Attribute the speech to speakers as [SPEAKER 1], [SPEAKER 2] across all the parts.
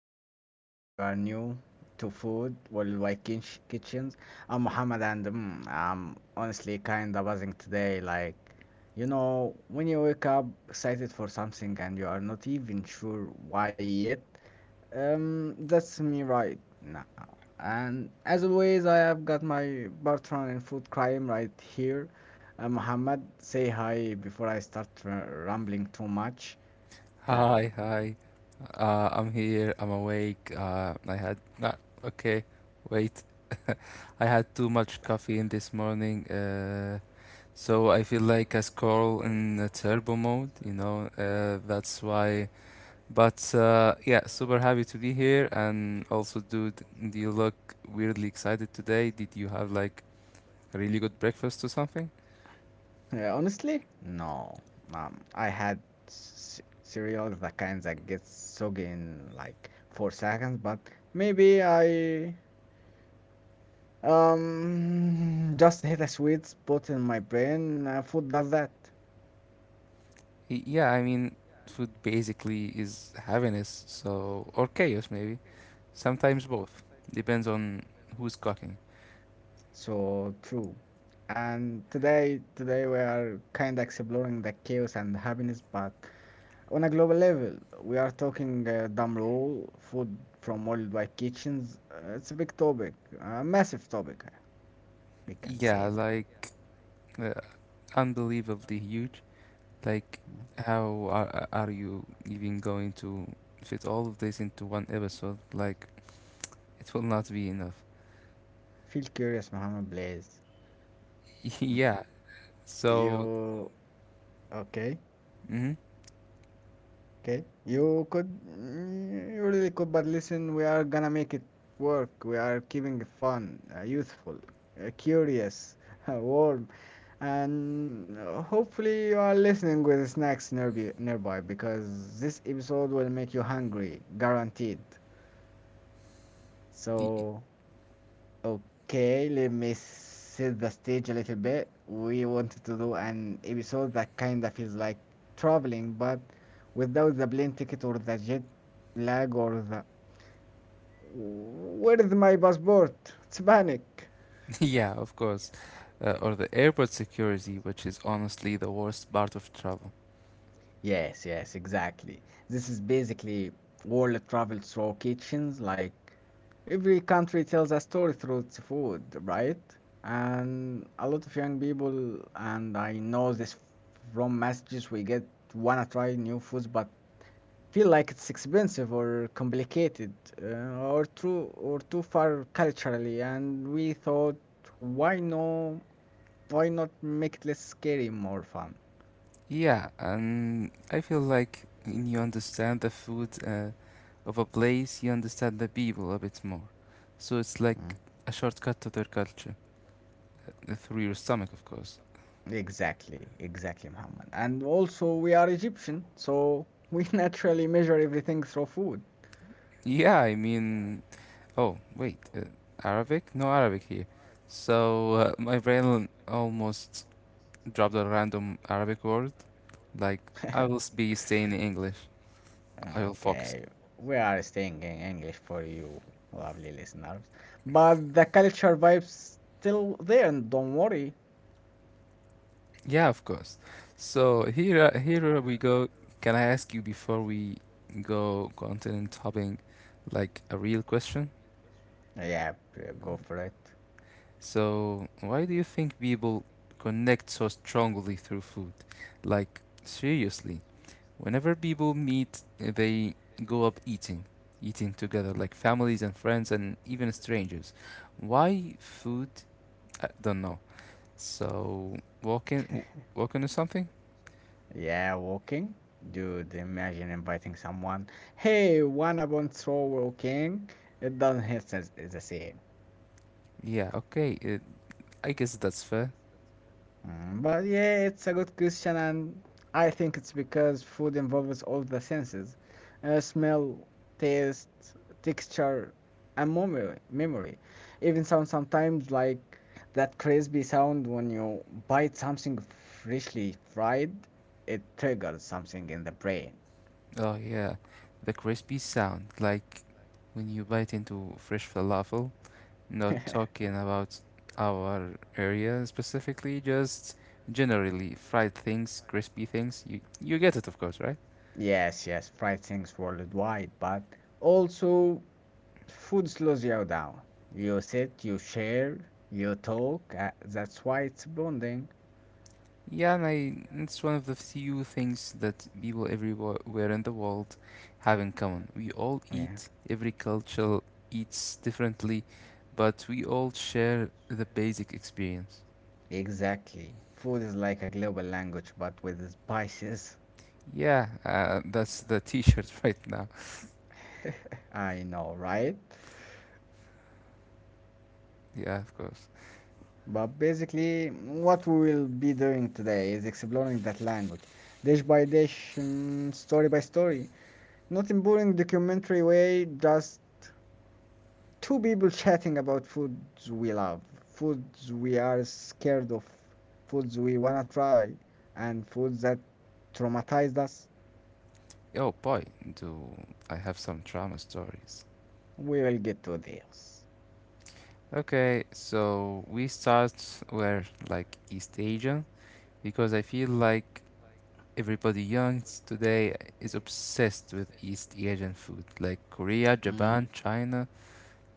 [SPEAKER 1] the first time if you are new to food worldwide kitchens. I'm Muhammad and I'm honestly kinda buzzing today. Like, you know, when you wake up excited for something and you are not even sure why yet, that's me right now. And as always, I have got my Bartron in food crime right here. Muhammad, say hi before I start rambling too much.
[SPEAKER 2] Hi,
[SPEAKER 1] Um,
[SPEAKER 2] hi. I'm here. I'm awake. I had not Okay. Wait, I had too much caffeine this morning. So I feel like a squirrel in a turbo mode. That's why. But yeah, super happy to be here. And also, dude, do you look weirdly excited today? Did you have like a really good breakfast or something?
[SPEAKER 1] Yeah, honestly, no. I had c cereal, the kinds that gets soggy in like four seconds, but maybe I just hit a sweet spot in my brain. Food does that.
[SPEAKER 2] Yeah, I mean, food basically is happiness. Or chaos maybe.
[SPEAKER 1] Yeah.
[SPEAKER 2] Sometimes both. Depends on who's cooking.
[SPEAKER 1] So true. And today we are kind of exploring the chaos and happiness, but on a global level, we are talking dumb rule, food from worldwide kitchens. It's a big topic, a massive topic, we can
[SPEAKER 2] Yeah,
[SPEAKER 1] say that.
[SPEAKER 2] like, uh, unbelievably huge. Like,
[SPEAKER 1] Mm.
[SPEAKER 2] how are you even going to fit all of this into one episode? Like, it will not be enough.
[SPEAKER 1] Feel curious, Mohammed, please. Mm.
[SPEAKER 2] Yeah, so.
[SPEAKER 1] You okay?
[SPEAKER 2] Mhm.
[SPEAKER 1] Okay, you could you really could, but listen, we are gonna make it work. We are keeping it fun, youthful, curious, warm, and hopefully you are listening with snacks nearby because this episode will make you hungry, guaranteed.
[SPEAKER 2] Y-
[SPEAKER 1] So okay, let me set the stage a little bit. We wanted to do an episode that kind of feels like traveling, but without the plane ticket or the jet lag or the. Where is my passport? It's panic.
[SPEAKER 2] Yeah, of course. Or the airport security, which is honestly the worst part of travel.
[SPEAKER 1] Yes, yes, exactly. This is basically world travel through kitchens. Like every country tells a story through its food, right? And a lot of young people, and I know this from messages we get, wanna try new foods, but feel like it's expensive or complicated or too far culturally. And we thought, why no? Why not make it less scary, more fun?
[SPEAKER 2] Yeah, and I feel like when you understand the food, of a place, you understand the people a bit more. So it's like
[SPEAKER 1] Mm.
[SPEAKER 2] a shortcut to their culture, through your stomach, of course.
[SPEAKER 1] Exactly, exactly, Muhammad. And also, we are Egyptian, so we naturally measure everything through food.
[SPEAKER 2] Yeah, I mean, oh, wait, Arabic? No Arabic here. So, my brain almost dropped a random Arabic word. Like, I will be staying in English. I will focus
[SPEAKER 1] Okay, we are staying in English for you, lovely listeners. But the culture vibe's still there, and don't worry.
[SPEAKER 2] Yeah, of course. So, here we go. Can I ask you before we go continent hopping, like a real question?
[SPEAKER 1] Yeah, go for it.
[SPEAKER 2] So why do you think people connect so strongly through food? Like seriously, whenever people meet, they go up eating together,
[SPEAKER 1] Mm.
[SPEAKER 2] like families and friends and even strangers. Why food? I don't know. So, walking, walking or something?
[SPEAKER 1] Yeah, walking. Dude, imagine inviting someone. Hey, wanna bonsoir walking? It doesn't hit us the same.
[SPEAKER 2] Yeah. Okay. I guess that's fair.
[SPEAKER 1] Mm, but yeah, it's a good question, and I think it's because food involves all the senses, smell, taste, texture, and memory. Memory, even sound sometimes like that crispy sound when you bite something freshly fried. It triggers something in the brain.
[SPEAKER 2] Oh yeah, the crispy sound, like when you bite into fresh falafel. Not talking about our area specifically, just generally fried things, crispy things. You get it, of course, right?
[SPEAKER 1] Yes, yes, fried things worldwide, but also food slows you down. You sit, you share, you talk. That's why it's bonding.
[SPEAKER 2] Yeah, and it's one of the few things that people everywhere in the world have in common. We all eat.
[SPEAKER 1] Yeah,
[SPEAKER 2] Every culture eats differently, but we all share the basic experience.
[SPEAKER 1] exactly. Food is like a global language, but with spices.
[SPEAKER 2] Yeah, that's the T-shirt right now.
[SPEAKER 1] I know, right?
[SPEAKER 2] Yeah, of course.
[SPEAKER 1] But basically, what we will be doing today is exploring that language, dish by dish, mm, story by story. Not in boring documentary way, just two people chatting about foods we love, foods we are scared of, foods we wanna try, and foods that traumatized us.
[SPEAKER 2] Oh boy, do I have some drama stories.
[SPEAKER 1] We will get to this.
[SPEAKER 2] Okay, so we start where, like, East Asia, because I feel like everybody young today is obsessed with East Asian food, like Korea,
[SPEAKER 1] Mm.
[SPEAKER 2] Japan, China,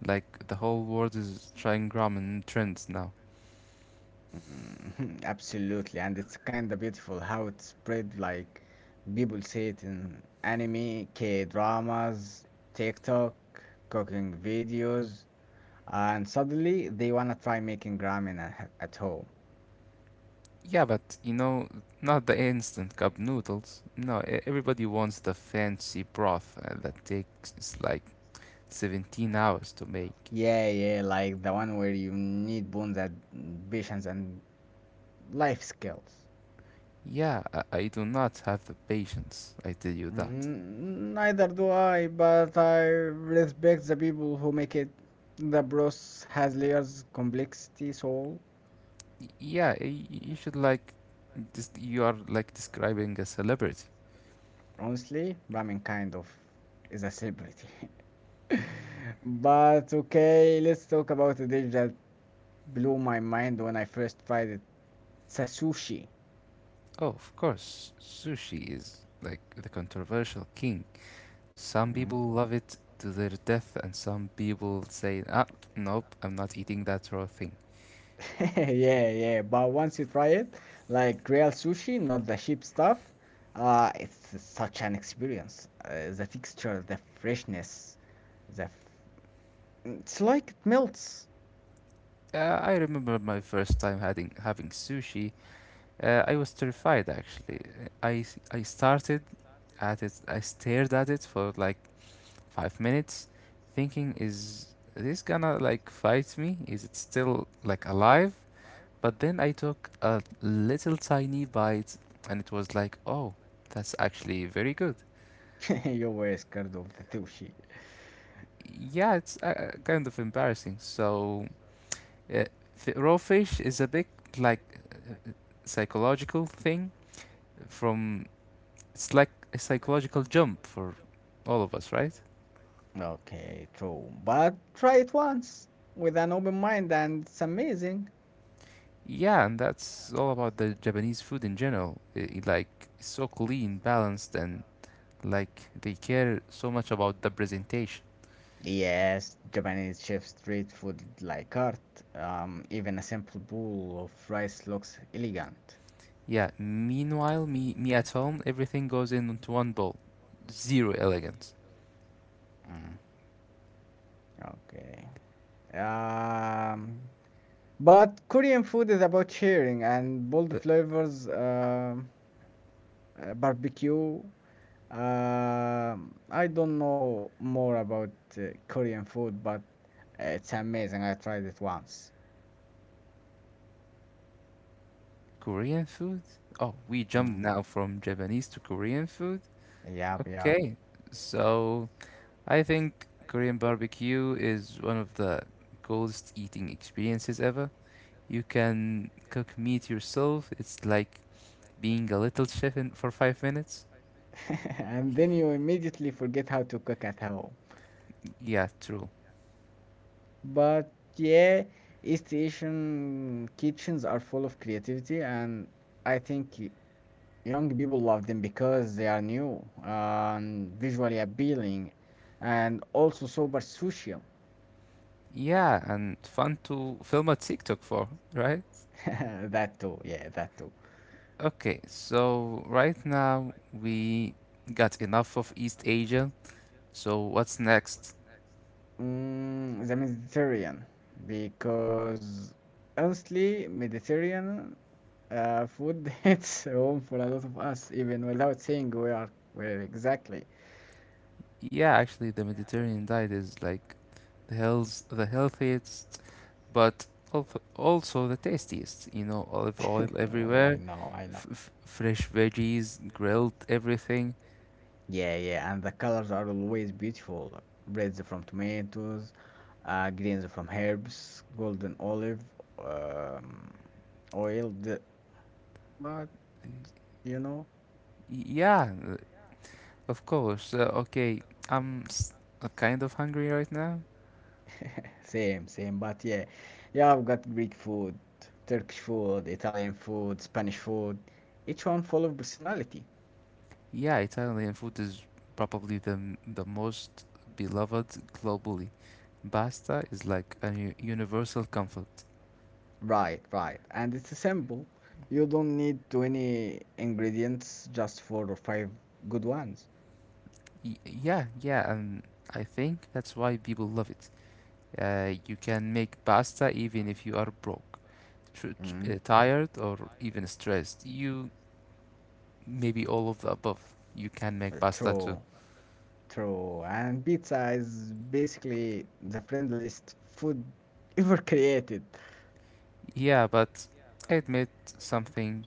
[SPEAKER 2] like the whole world is trying ramen trends now.
[SPEAKER 1] Mm, absolutely, and it's kind of beautiful how it spread. Like people see it in anime, K dramas, TikTok, cooking videos, and suddenly they wanna try making ramen at home.
[SPEAKER 2] Yeah, but not the instant cup noodles. No, everybody wants the fancy broth, that takes like 17 hours to make.
[SPEAKER 1] Yeah, yeah, like the one where you need bones and patience and life skills.
[SPEAKER 2] Yeah, I do not have the patience. I tell you that.
[SPEAKER 1] Mm, neither do I, but I respect the people who make it. The broth has layers, complexity, soul,
[SPEAKER 2] Yeah, you should, like. You are like describing a celebrity.
[SPEAKER 1] honestly, ramen kind of is a celebrity. But okay, let's talk about a dish that blew my mind when I first tried it. It's a sushi.
[SPEAKER 2] Oh, of course, sushi is like the controversial king. Some
[SPEAKER 1] Mm-hmm.
[SPEAKER 2] people love it to their death, and some people say, ah, nope, I'm not eating that raw thing.
[SPEAKER 1] Yeah, yeah, but once you try it, like real sushi, not the cheap stuff, it's such an experience. The texture, the freshness, the f it's like it melts.
[SPEAKER 2] I remember my first time having sushi. I was terrified, actually. I I started at it. I stared at it for like 5 minutes, thinking, is this gonna, like, fight me, is it still, like, alive? But then I took a little tiny bite, and it was like, oh, that's actually very good.
[SPEAKER 1] Very good. You were scared of the sushi.
[SPEAKER 2] Yeah, it's, kind of embarrassing, so uh, raw fish is a big, like, psychological thing. From It's like a psychological jump for all of us, right?
[SPEAKER 1] Okay, true. But try it once with an open mind, and it's amazing.
[SPEAKER 2] Yeah, and that's all about the Japanese food in general. Like, it's so clean, balanced, and, like, they care so much about the presentation.
[SPEAKER 1] Yes, Japanese chef street food like art. Even a simple bowl of rice looks elegant.
[SPEAKER 2] Yeah. Meanwhile, me at home, everything goes in into one bowl. Zero elegance.
[SPEAKER 1] Mm, okay. Um, but Korean food is about sharing and bold
[SPEAKER 2] Uh,
[SPEAKER 1] flavors, barbecue. Um, I don't know more about uh, Korean food, but it's amazing. I tried it once.
[SPEAKER 2] Korean food? Oh, we jumped
[SPEAKER 1] Mm.
[SPEAKER 2] now from Japanese to Korean food.
[SPEAKER 1] Yep, yep.
[SPEAKER 2] Okay, so I think Korean barbecue is one of the coolest eating experiences ever. You can cook meat yourself. It's like being a little
[SPEAKER 1] Being a
[SPEAKER 2] chef, for 5 minutes?
[SPEAKER 1] minutes. And then you immediately forget how to cook at home.
[SPEAKER 2] Yeah, true.
[SPEAKER 1] But yeah, East Asian kitchens are full of creativity, and I think young people love them because they are new and visually appealing and also super social.
[SPEAKER 2] Yeah, and fun to film a TikTok for, right?
[SPEAKER 1] That too, yeah, that too.
[SPEAKER 2] Okay, so right now we got enough of East Asia. So what's next?
[SPEAKER 1] Mm, the Mediterranean, because honestly, Mediterranean food hits home for a lot of us, even without saying where exactly.
[SPEAKER 2] Yeah, actually, the Mediterranean diet is like the healthiest, but also the tastiest. Olive oil
[SPEAKER 1] Oh yeah, I
[SPEAKER 2] everywhere,
[SPEAKER 1] know, I know.
[SPEAKER 2] fresh veggies, grilled everything.
[SPEAKER 1] Yeah, yeah, and the colors are always beautiful. Reds from tomatoes, greens from herbs, golden olive, um, oil. The, but you know.
[SPEAKER 2] Yeah, of course. Okay, I'm kind of hungry right now.
[SPEAKER 1] Same, same. But yeah, yeah, I've got Greek food, Turkish food, Italian food, Spanish food, each one full of personality.
[SPEAKER 2] Yeah, Italian food is probably the most beloved globally. Pasta is like a universal comfort.
[SPEAKER 1] Right, right. And it's simple. You don't need 20 ingredients just four or five good ones.
[SPEAKER 2] Yeah, yeah, and I think that's why people love it. You can make pasta even if you are broke,
[SPEAKER 1] Mm.
[SPEAKER 2] tired, or even stressed. You maybe all of the above. You can make pasta too.
[SPEAKER 1] True, true. And pizza is basically the friendliest food ever created.
[SPEAKER 2] Yeah, but I admit something.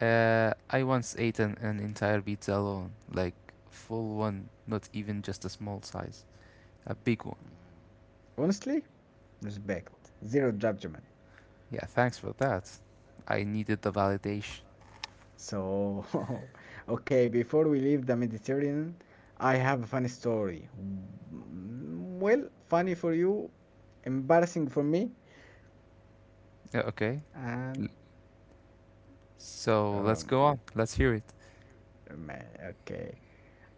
[SPEAKER 2] I once ate an entire pizza alone, like full one, not even just a small size, a big one.
[SPEAKER 1] Mm. Honestly, respect, zero judgment.
[SPEAKER 2] Yeah, thanks for that. I needed the validation.
[SPEAKER 1] So, okay, before we leave the Mediterranean, I have a funny story. Mm, well, funny for you, embarrassing for me,
[SPEAKER 2] Yeah, okay, L-
[SPEAKER 1] and
[SPEAKER 2] so let's
[SPEAKER 1] um,
[SPEAKER 2] go on. Let's hear it.
[SPEAKER 1] okay.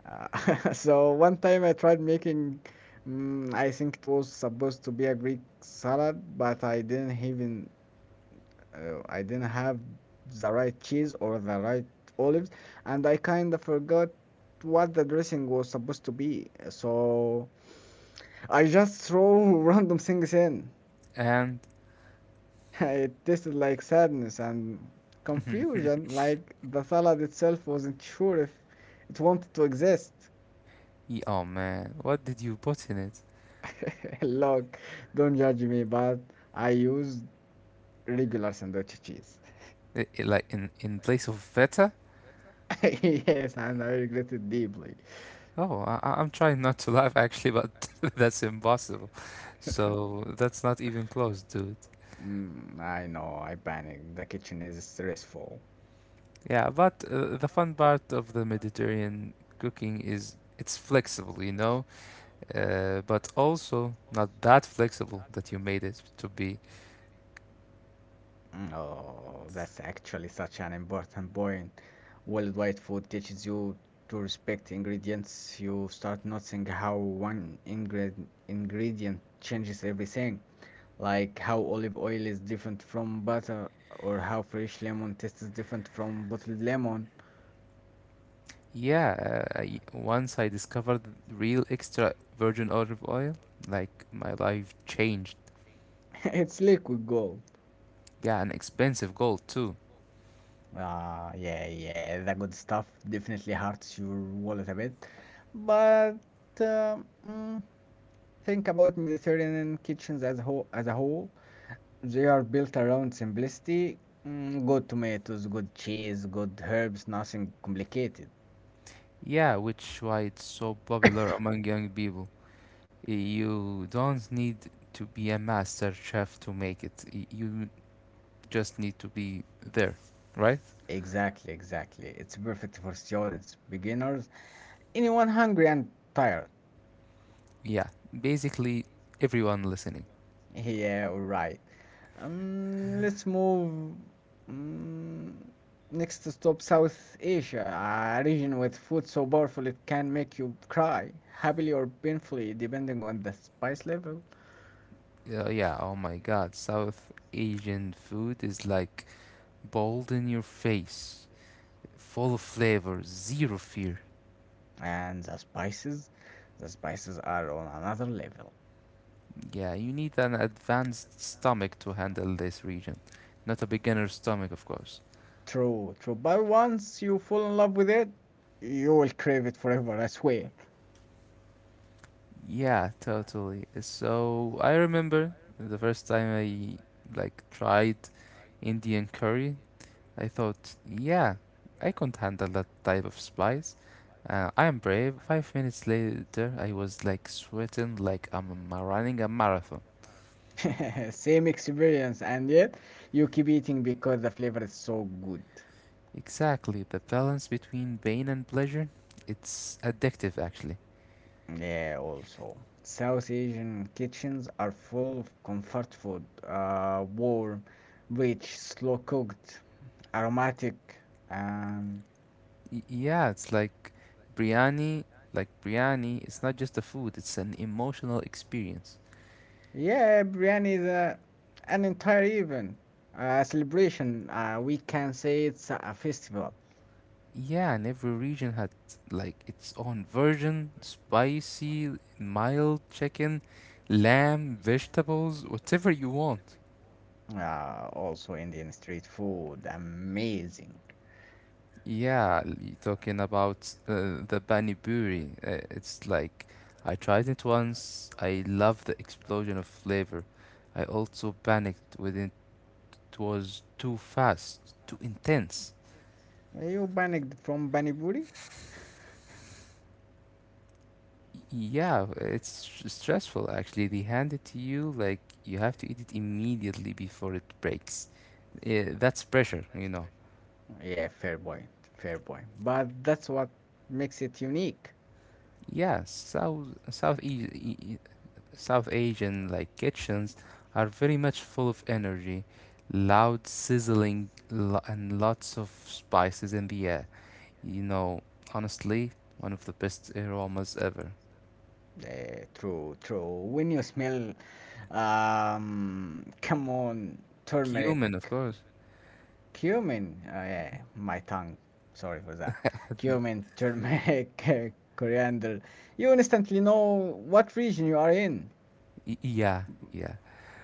[SPEAKER 1] Uh, so one time I tried making, mm, I think it was supposed to be a Greek salad, but I didn't even, I didn't have the right cheese or the right olives, and I kind of forgot what the dressing was supposed to be. So I just throw random things in.
[SPEAKER 2] And
[SPEAKER 1] It tasted like sadness and confusion, like the salad itself wasn't sure if it wanted to exist.
[SPEAKER 2] Oh man, what did you put in it?
[SPEAKER 1] Look, don't judge me, but I used regular sandwich cheese.
[SPEAKER 2] Like, in place of feta?
[SPEAKER 1] Yes, and I regret it deeply.
[SPEAKER 2] Oh, I'm trying not to laugh, actually, but that's impossible. So that's not even close, dude.
[SPEAKER 1] Mm, I know, I panicked. The kitchen is stressful.
[SPEAKER 2] Yeah, but the fun part of the Mediterranean cooking is it's flexible, but also not that flexible that you made it to be.
[SPEAKER 1] Mm, oh, that's actually such an important point. Worldwide food teaches you to respect ingredients. You start noticing how one ingredient changes everything, like how olive oil is different from butter, or how fresh lemon tastes different from bottled lemon.
[SPEAKER 2] Yeah, once I discovered real extra virgin olive oil, like, my life changed.
[SPEAKER 1] It's liquid gold.
[SPEAKER 2] Yeah, and expensive gold too.
[SPEAKER 1] Ah, yeah, yeah, the good stuff definitely hurts your wallet a bit, but mm, think about Mediterranean kitchens as whole, as a whole. They are built around simplicity. Mm, good tomatoes, good cheese, good herbs, nothing complicated.
[SPEAKER 2] Yeah, which why it's so popular among young people. You don't need to be a master chef to make it. You just need to be there, right?
[SPEAKER 1] Exactly, exactly. It's perfect for students, beginners, anyone hungry and tired.
[SPEAKER 2] Yeah, basically everyone listening.
[SPEAKER 1] Yeah, right. Let's move mm, next to stop South Asia, a region with food so powerful it can make you cry, happily or painfully, depending on the spice level.
[SPEAKER 2] Yeah, oh my god, South Asian food is, like, bold in your face, full of flavor, zero fear.
[SPEAKER 1] And the spices are on another level.
[SPEAKER 2] Yeah, you need an advanced stomach to handle this region, not a beginner stomach, of course.
[SPEAKER 1] True, true. But once you fall in love with it, you will crave it forever, I swear.
[SPEAKER 2] Yeah, totally. So I remember the first time I, like, tried Indian curry. I thought, yeah, I can't handle that type of spice. I am brave. 5 minutes later, I was like sweating, like I'm running a marathon.
[SPEAKER 1] Same experience, and yet you keep eating because the flavor is so good.
[SPEAKER 2] Exactly, the balance between pain and pleasure. It's addictive, actually.
[SPEAKER 1] Yeah, also. South Asian kitchens are full of comfort food, warm, rich, slow cooked, aromatic. Um,
[SPEAKER 2] Yeah, it's like biryani. Like biryani, it's not just a food; it's an emotional experience.
[SPEAKER 1] yeah, biryani is a, an entire event, a celebration. We can say it's a festival.
[SPEAKER 2] Yeah, and every region had like its own version, spicy, mild, chicken, lamb, vegetables, whatever you want.
[SPEAKER 1] Also, Indian street food, amazing.
[SPEAKER 2] Yeah, you talking about the pani puri. It's like, I tried it once, I love the explosion of flavor. I also panicked when it was too fast, too intense.
[SPEAKER 1] Are you panicked from Panipuri?
[SPEAKER 2] Yeah, it's stressful, actually. They hand it to you like you have to eat it immediately before it breaks. Yeah, that's pressure.
[SPEAKER 1] Yeah, fair point, fair point. But that's what makes it unique.
[SPEAKER 2] Yeah, South South e- e- E, South Asian, like, kitchens are very much full of energy, loud sizzling, and lots of spices in the air. You know, Honestly, one of the best aromas ever.
[SPEAKER 1] Eh, true, true. When you smell, come on, turmeric,
[SPEAKER 2] Cumin, of course.
[SPEAKER 1] cumin. Yeah, my tongue. Sorry for that. Cumin, turmeric, eh, coriander. You instantly know what region you are in.
[SPEAKER 2] Yeah, yeah.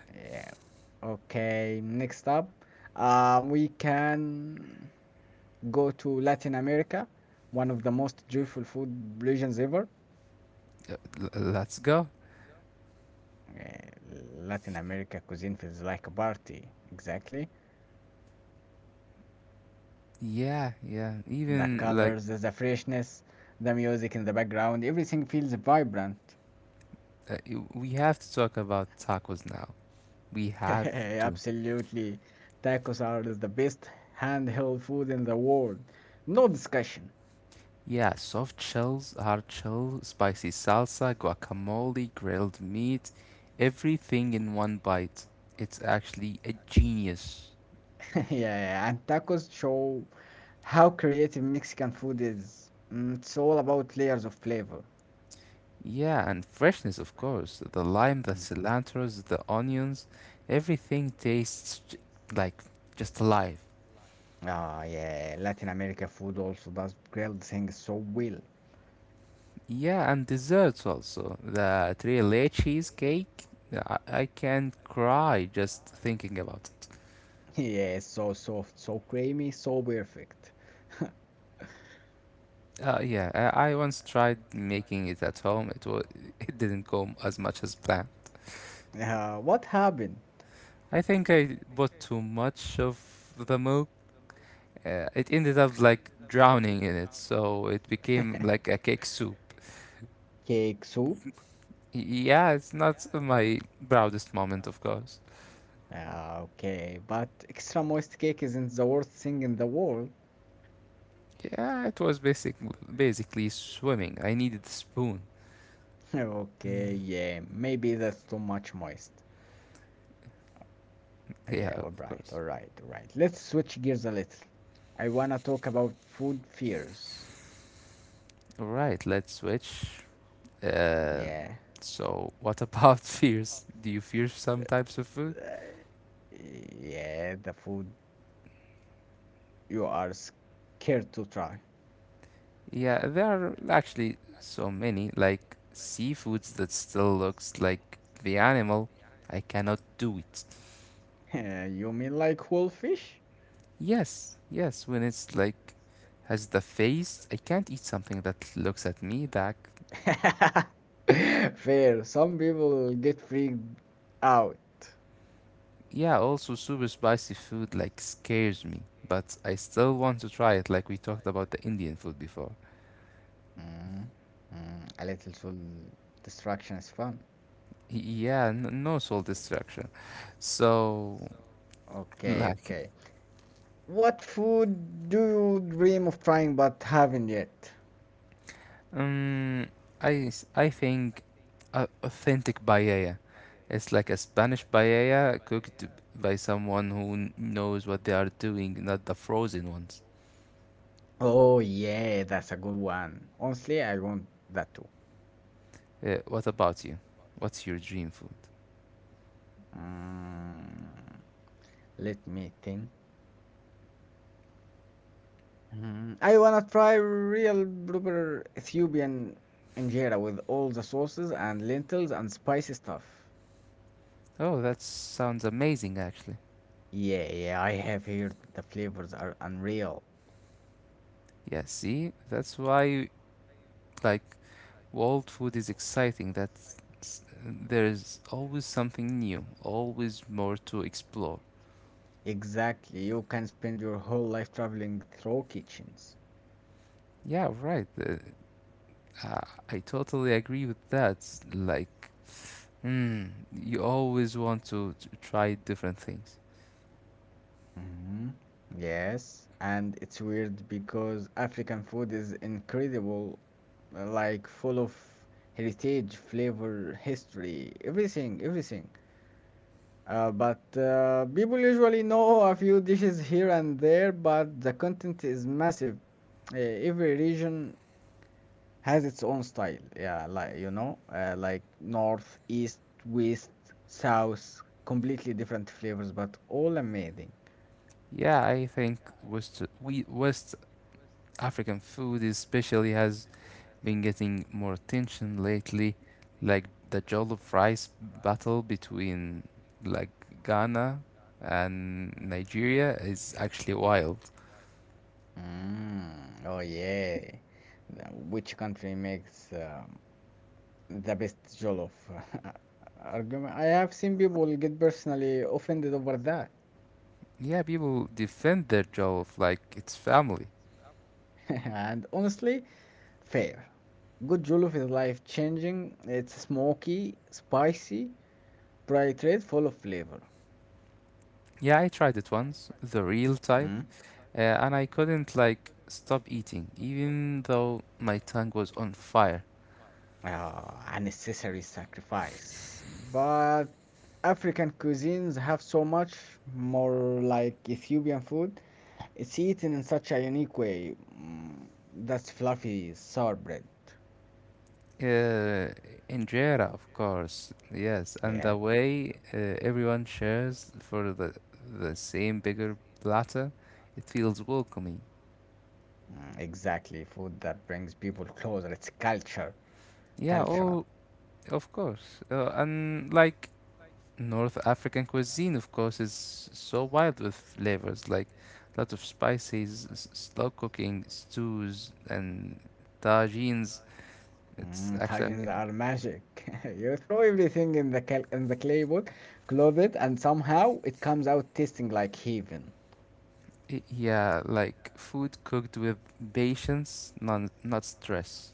[SPEAKER 1] Yeah. Okay. Next up, we can. Go to Latin America, one of the most joyful food regions ever.
[SPEAKER 2] Let's go.
[SPEAKER 1] Eh, Latin America cuisine feels like a party. Exactly.
[SPEAKER 2] Yeah, yeah.
[SPEAKER 1] The
[SPEAKER 2] Even, like,
[SPEAKER 1] colors, the freshness, the music in the background, everything feels vibrant.
[SPEAKER 2] we have to talk about tacos now. We have to.
[SPEAKER 1] Absolutely. Tacos are the best handheld food in the world. No discussion.
[SPEAKER 2] Yeah, soft shells, hard shell, spicy salsa, guacamole, grilled meat, everything in one bite. It's actually a genius.
[SPEAKER 1] Yeah, yeah, and tacos show how creative Mexican food is. Mm, it's all about layers of flavor.
[SPEAKER 2] Yeah, and freshness, of course. The lime, the cilantros, the onions, everything tastes, like, just alive.
[SPEAKER 1] Ah, yeah, Latin America food also does grilled things so well.
[SPEAKER 2] Yeah, and desserts also. The three layer cheesecake, I can cry just thinking about it.
[SPEAKER 1] Yeah, so soft, so creamy, so perfect.
[SPEAKER 2] Yeah, I once tried making it at home. It was. It didn't go as much as planned.
[SPEAKER 1] What happened?
[SPEAKER 2] I think I bought too much of the milk. It ended up, like, drowning in it, so it became like a cake soup.
[SPEAKER 1] Cake soup?
[SPEAKER 2] Yeah, it's not my proudest moment, of course.
[SPEAKER 1] Ah, okay, but extra moist cake isn't the worst thing in the world.
[SPEAKER 2] Yeah, it was basically swimming. I needed a spoon.
[SPEAKER 1] Okay,
[SPEAKER 2] Mm,
[SPEAKER 1] yeah, maybe that's too much moist.
[SPEAKER 2] yeah,
[SPEAKER 1] Yeah, all
[SPEAKER 2] of
[SPEAKER 1] right,
[SPEAKER 2] course.
[SPEAKER 1] all right, all right. Let's switch gears a little. I wanna talk about food fears.
[SPEAKER 2] Right, right, let's switch. Uh,
[SPEAKER 1] Yeah.
[SPEAKER 2] so, what about fears? Do you fear some types of food?
[SPEAKER 1] Uh, yeah, the food you are scared to try.
[SPEAKER 2] Yeah, there are actually so many, like seafoods that still looks like the animal. I cannot do it.
[SPEAKER 1] You mean like whole fish?
[SPEAKER 2] Yes, yes, when it's like has the face, I can't eat something that looks at me back.
[SPEAKER 1] Fair. Some people get freaked out.
[SPEAKER 2] Yeah, also super spicy food like scares me, but I still want to try it, like we talked about the Indian food before.
[SPEAKER 1] Mm, mm, a little soul destruction is fun.
[SPEAKER 2] Yeah, no soul destruction. So,
[SPEAKER 1] Okay,
[SPEAKER 2] like,
[SPEAKER 1] okay. What food do you dream of trying but haven't yet?
[SPEAKER 2] Um, I think a authentic paella. It's like a Spanish paella cooked by someone who knows what they are doing, not the frozen ones.
[SPEAKER 1] Oh yeah, that's a good one. Honestly, I want that too.
[SPEAKER 2] What about you? What's your dream food?
[SPEAKER 1] Mm, let me think. Mm, I wanna try real proper Ethiopian injera with all the sauces and lentils and spicy stuff.
[SPEAKER 2] Oh, that sounds amazing, actually.
[SPEAKER 1] Yeah, yeah, I have heard the flavors are unreal.
[SPEAKER 2] Yeah, see, that's why, like, world food is exciting. There is always something new, always more to explore.
[SPEAKER 1] Exactly, you can spend your whole life traveling through kitchens.
[SPEAKER 2] Yeah, right. Uh, I totally agree with that. Like, mm, you always want to try different things.
[SPEAKER 1] Mhm. Yes, and it's weird because African food is incredible, like full of heritage, flavor, history, everything, everything. But people usually know a few dishes here and there, but the content is massive. Every region has its own style. Yeah, like like north, east, west, south, completely different flavors, but all amazing.
[SPEAKER 2] Yeah, I think West African food especially has been getting more attention lately, like the jollof rice battle between, like, Ghana and Nigeria, is actually wild.
[SPEAKER 1] Mm, oh yeah. Which country makes the best jollof? Argument. I have seen people get personally offended over that.
[SPEAKER 2] Yeah, people defend their jollof like it's family.
[SPEAKER 1] And honestly, fair. Good jollof is life-changing. It's smoky, spicy, bright red, full of flavor.
[SPEAKER 2] Yeah, I tried it once, the real type,
[SPEAKER 1] Mm?
[SPEAKER 2] and I couldn't, like, stop eating, even though my tongue was on fire.
[SPEAKER 1] Ah, a necessary sacrifice. But African cuisines have so much more, like Ethiopian food. It's eaten in such a unique way. Mm, that's fluffy sour bread.
[SPEAKER 2] Uh, Injera, of course, yes, and the
[SPEAKER 1] Yeah.
[SPEAKER 2] way, everyone shares for the same bigger platter, it feels welcoming.
[SPEAKER 1] Mm, exactly. Food that brings people closer. It's culture.
[SPEAKER 2] Yeah,
[SPEAKER 1] Cultural.
[SPEAKER 2] oh, of course, and, like, North African cuisine, of course, is so wild with flavors, like lots of spices, slow cooking stews, and tagines. It's
[SPEAKER 1] Mm,
[SPEAKER 2] actually.
[SPEAKER 1] tajins are magic. You throw everything in the in the clay pot, close it, and somehow it comes out tasting like heaven.
[SPEAKER 2] Yeah, like food cooked with patience, not stress.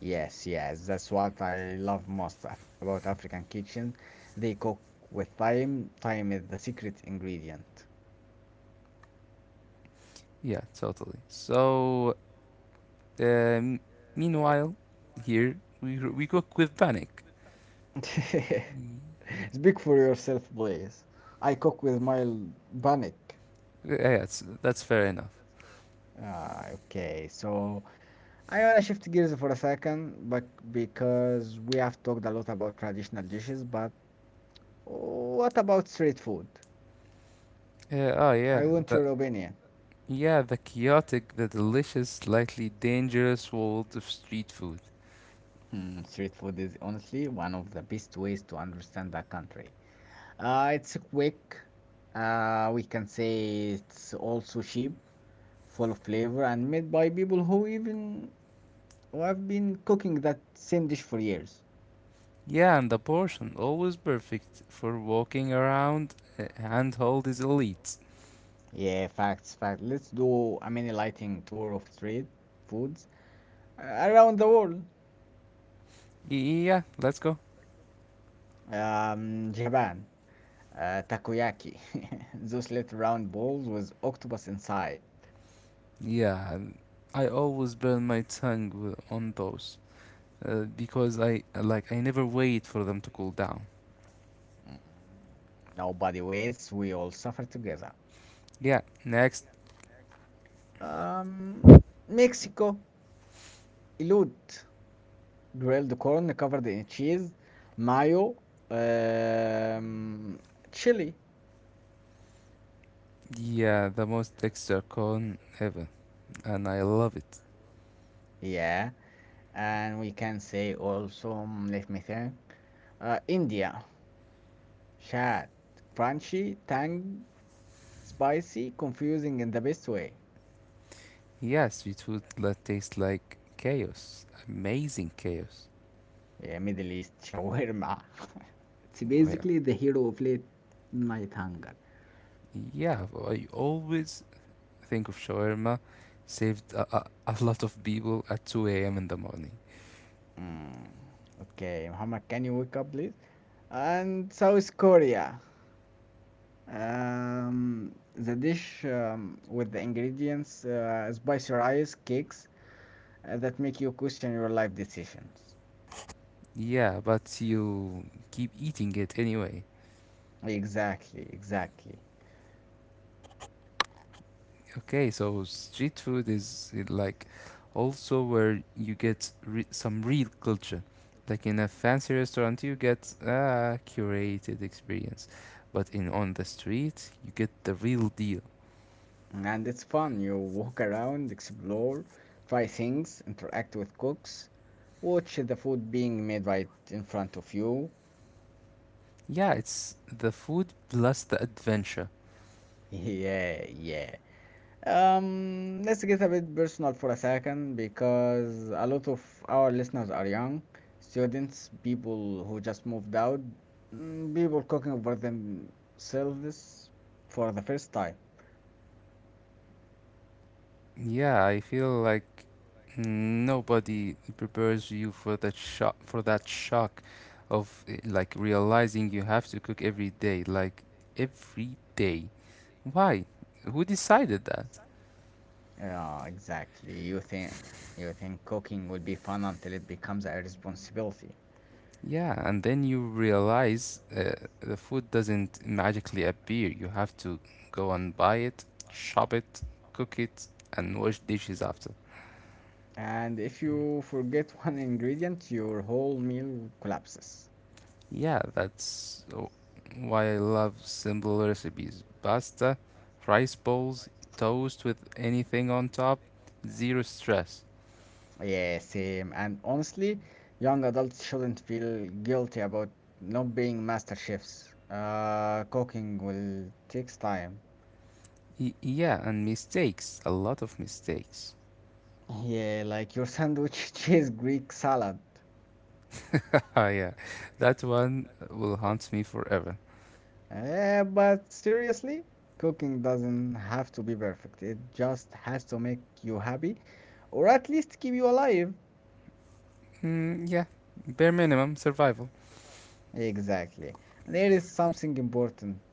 [SPEAKER 1] Yes, yes, that's what I love most about African kitchen. They cook with time. Time is the secret ingredient.
[SPEAKER 2] Yeah, totally. So, um, meanwhile, here we cook with panic.
[SPEAKER 1] Speak for yourself, please. I cook with mild panic.
[SPEAKER 2] Yeah, that's fair enough.
[SPEAKER 1] Ah, okay, so I wanna shift gears for a second, but because we have talked a lot about traditional dishes, but what about street food?
[SPEAKER 2] Yeah, oh yeah,
[SPEAKER 1] I want
[SPEAKER 2] the
[SPEAKER 1] your opinion.
[SPEAKER 2] yeah, the chaotic, the delicious, slightly dangerous world of street food.
[SPEAKER 1] Hmm, street food is honestly one of the best ways to understand a country. It's quick. We can say it's also cheap, full of flavor, and made by people who even who have been cooking that same dish for years.
[SPEAKER 2] Yeah, and the portion always perfect for walking around. Handhold is elite.
[SPEAKER 1] Yeah, facts, facts. Let's do a mini lighting tour of street foods, uh, around the world.
[SPEAKER 2] Yeah, let's go.
[SPEAKER 1] Japan, takoyaki, those little round balls with octopus inside.
[SPEAKER 2] Yeah, I always burn my tongue on those, because I, like, I never wait for them to cool down.
[SPEAKER 1] Mm, nobody wins. We all suffer together.
[SPEAKER 2] Yeah, next.
[SPEAKER 1] Um, Mexico, elote, grilled corn covered in cheese, mayo, um, chili,
[SPEAKER 2] Yeah, the most extra cone ever, and I love it.
[SPEAKER 1] yeah, and we can say also, mm, let me think, India, chat, crunchy, tang, spicy, confusing in the best way.
[SPEAKER 2] Yeah, sweet food that tastes like chaos, amazing chaos.
[SPEAKER 1] Yeah, Middle East shawarma. It's
[SPEAKER 2] Oh, yeah,
[SPEAKER 1] basically the hero of late night hunger.
[SPEAKER 2] yeah. I always think of shawarma saved a lot of people at 2 a.m. in the morning.
[SPEAKER 1] Mm, okay, Muhammad, can you wake up, please? And South Korea. The dish with the ingredients spicy rice cakes that make you question your life decisions.
[SPEAKER 2] Yeah, but you keep eating it anyway.
[SPEAKER 1] Exactly, exactly.
[SPEAKER 2] Okay, so street food is, like, also where you get some real culture. Like in a fancy restaurant, you get a curated experience, but in on the street, you get the real deal.
[SPEAKER 1] And it's fun. You walk around, explore, try things, interact with cooks, watch the food being made right in front of you.
[SPEAKER 2] Yeah, it's the food plus the adventure.
[SPEAKER 1] Yeah, yeah. Let's get a bit personal for a second because a lot of our listeners are young students, people who just moved out, mm, people cooking for themselves for the first time.
[SPEAKER 2] Yeah, I feel like nobody prepares you for that shock of, like, realizing you have to cook every day, like every day. Why? Who decided that?
[SPEAKER 1] Yeah, exactly. You think cooking would be fun until it becomes a responsibility.
[SPEAKER 2] Yeah, and then you realize, the food doesn't magically appear. You have to go and buy it, shop it, cook it, and wash dishes after.
[SPEAKER 1] And if you forget, one ingredient, your whole meal collapses.
[SPEAKER 2] Yeah, that's why I love simple recipes. Pasta, rice bowls, toast with anything on top, zero stress.
[SPEAKER 1] Yeah, same. And honestly, young adults shouldn't feel guilty about not being master chefs. Cooking will takes time.
[SPEAKER 2] Yeah, and mistakes, a lot of mistakes.
[SPEAKER 1] Yeah, like your sandwich cheese Greek salad.
[SPEAKER 2] Yeah, that one will haunt me forever.
[SPEAKER 1] Eh, but seriously, cooking doesn't have to be perfect. It just has to make you happy, or at least keep you alive.
[SPEAKER 2] Mm, yeah, bare minimum survival.
[SPEAKER 1] Exactly. And here is something important.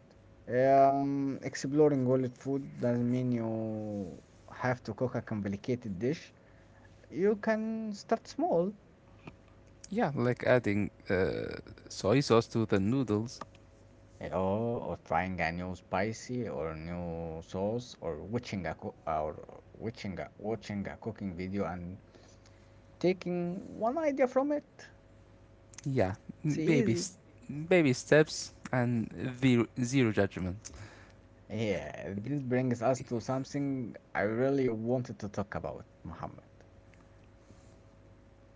[SPEAKER 1] Exploring world food doesn't mean you have to cook a complicated dish. You can start small,
[SPEAKER 2] Yeah, like adding, soy sauce to the noodles.
[SPEAKER 1] eh, or trying a new spicy or new sauce, or or watching a cooking video and taking one idea from it.
[SPEAKER 2] Yeah,
[SPEAKER 1] It's
[SPEAKER 2] baby,
[SPEAKER 1] easy.
[SPEAKER 2] baby steps and zero judgment.
[SPEAKER 1] Yeah, this brings us to something I really wanted to talk about, Muhammad.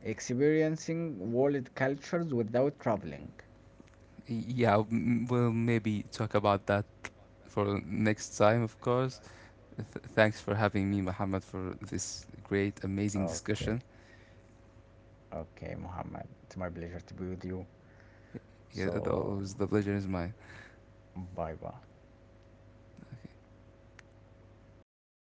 [SPEAKER 1] Experiencing world cultures without traveling.
[SPEAKER 2] Yeah, we'll maybe talk about that for next time, of course. Thanks for having me, Muhammad, for this great, amazing discussion.
[SPEAKER 1] Okay, okay, Muhammad. It's my pleasure to be with you.
[SPEAKER 2] Yeah, it
[SPEAKER 1] So,
[SPEAKER 2] was the pleasure is mine.
[SPEAKER 1] bye bye.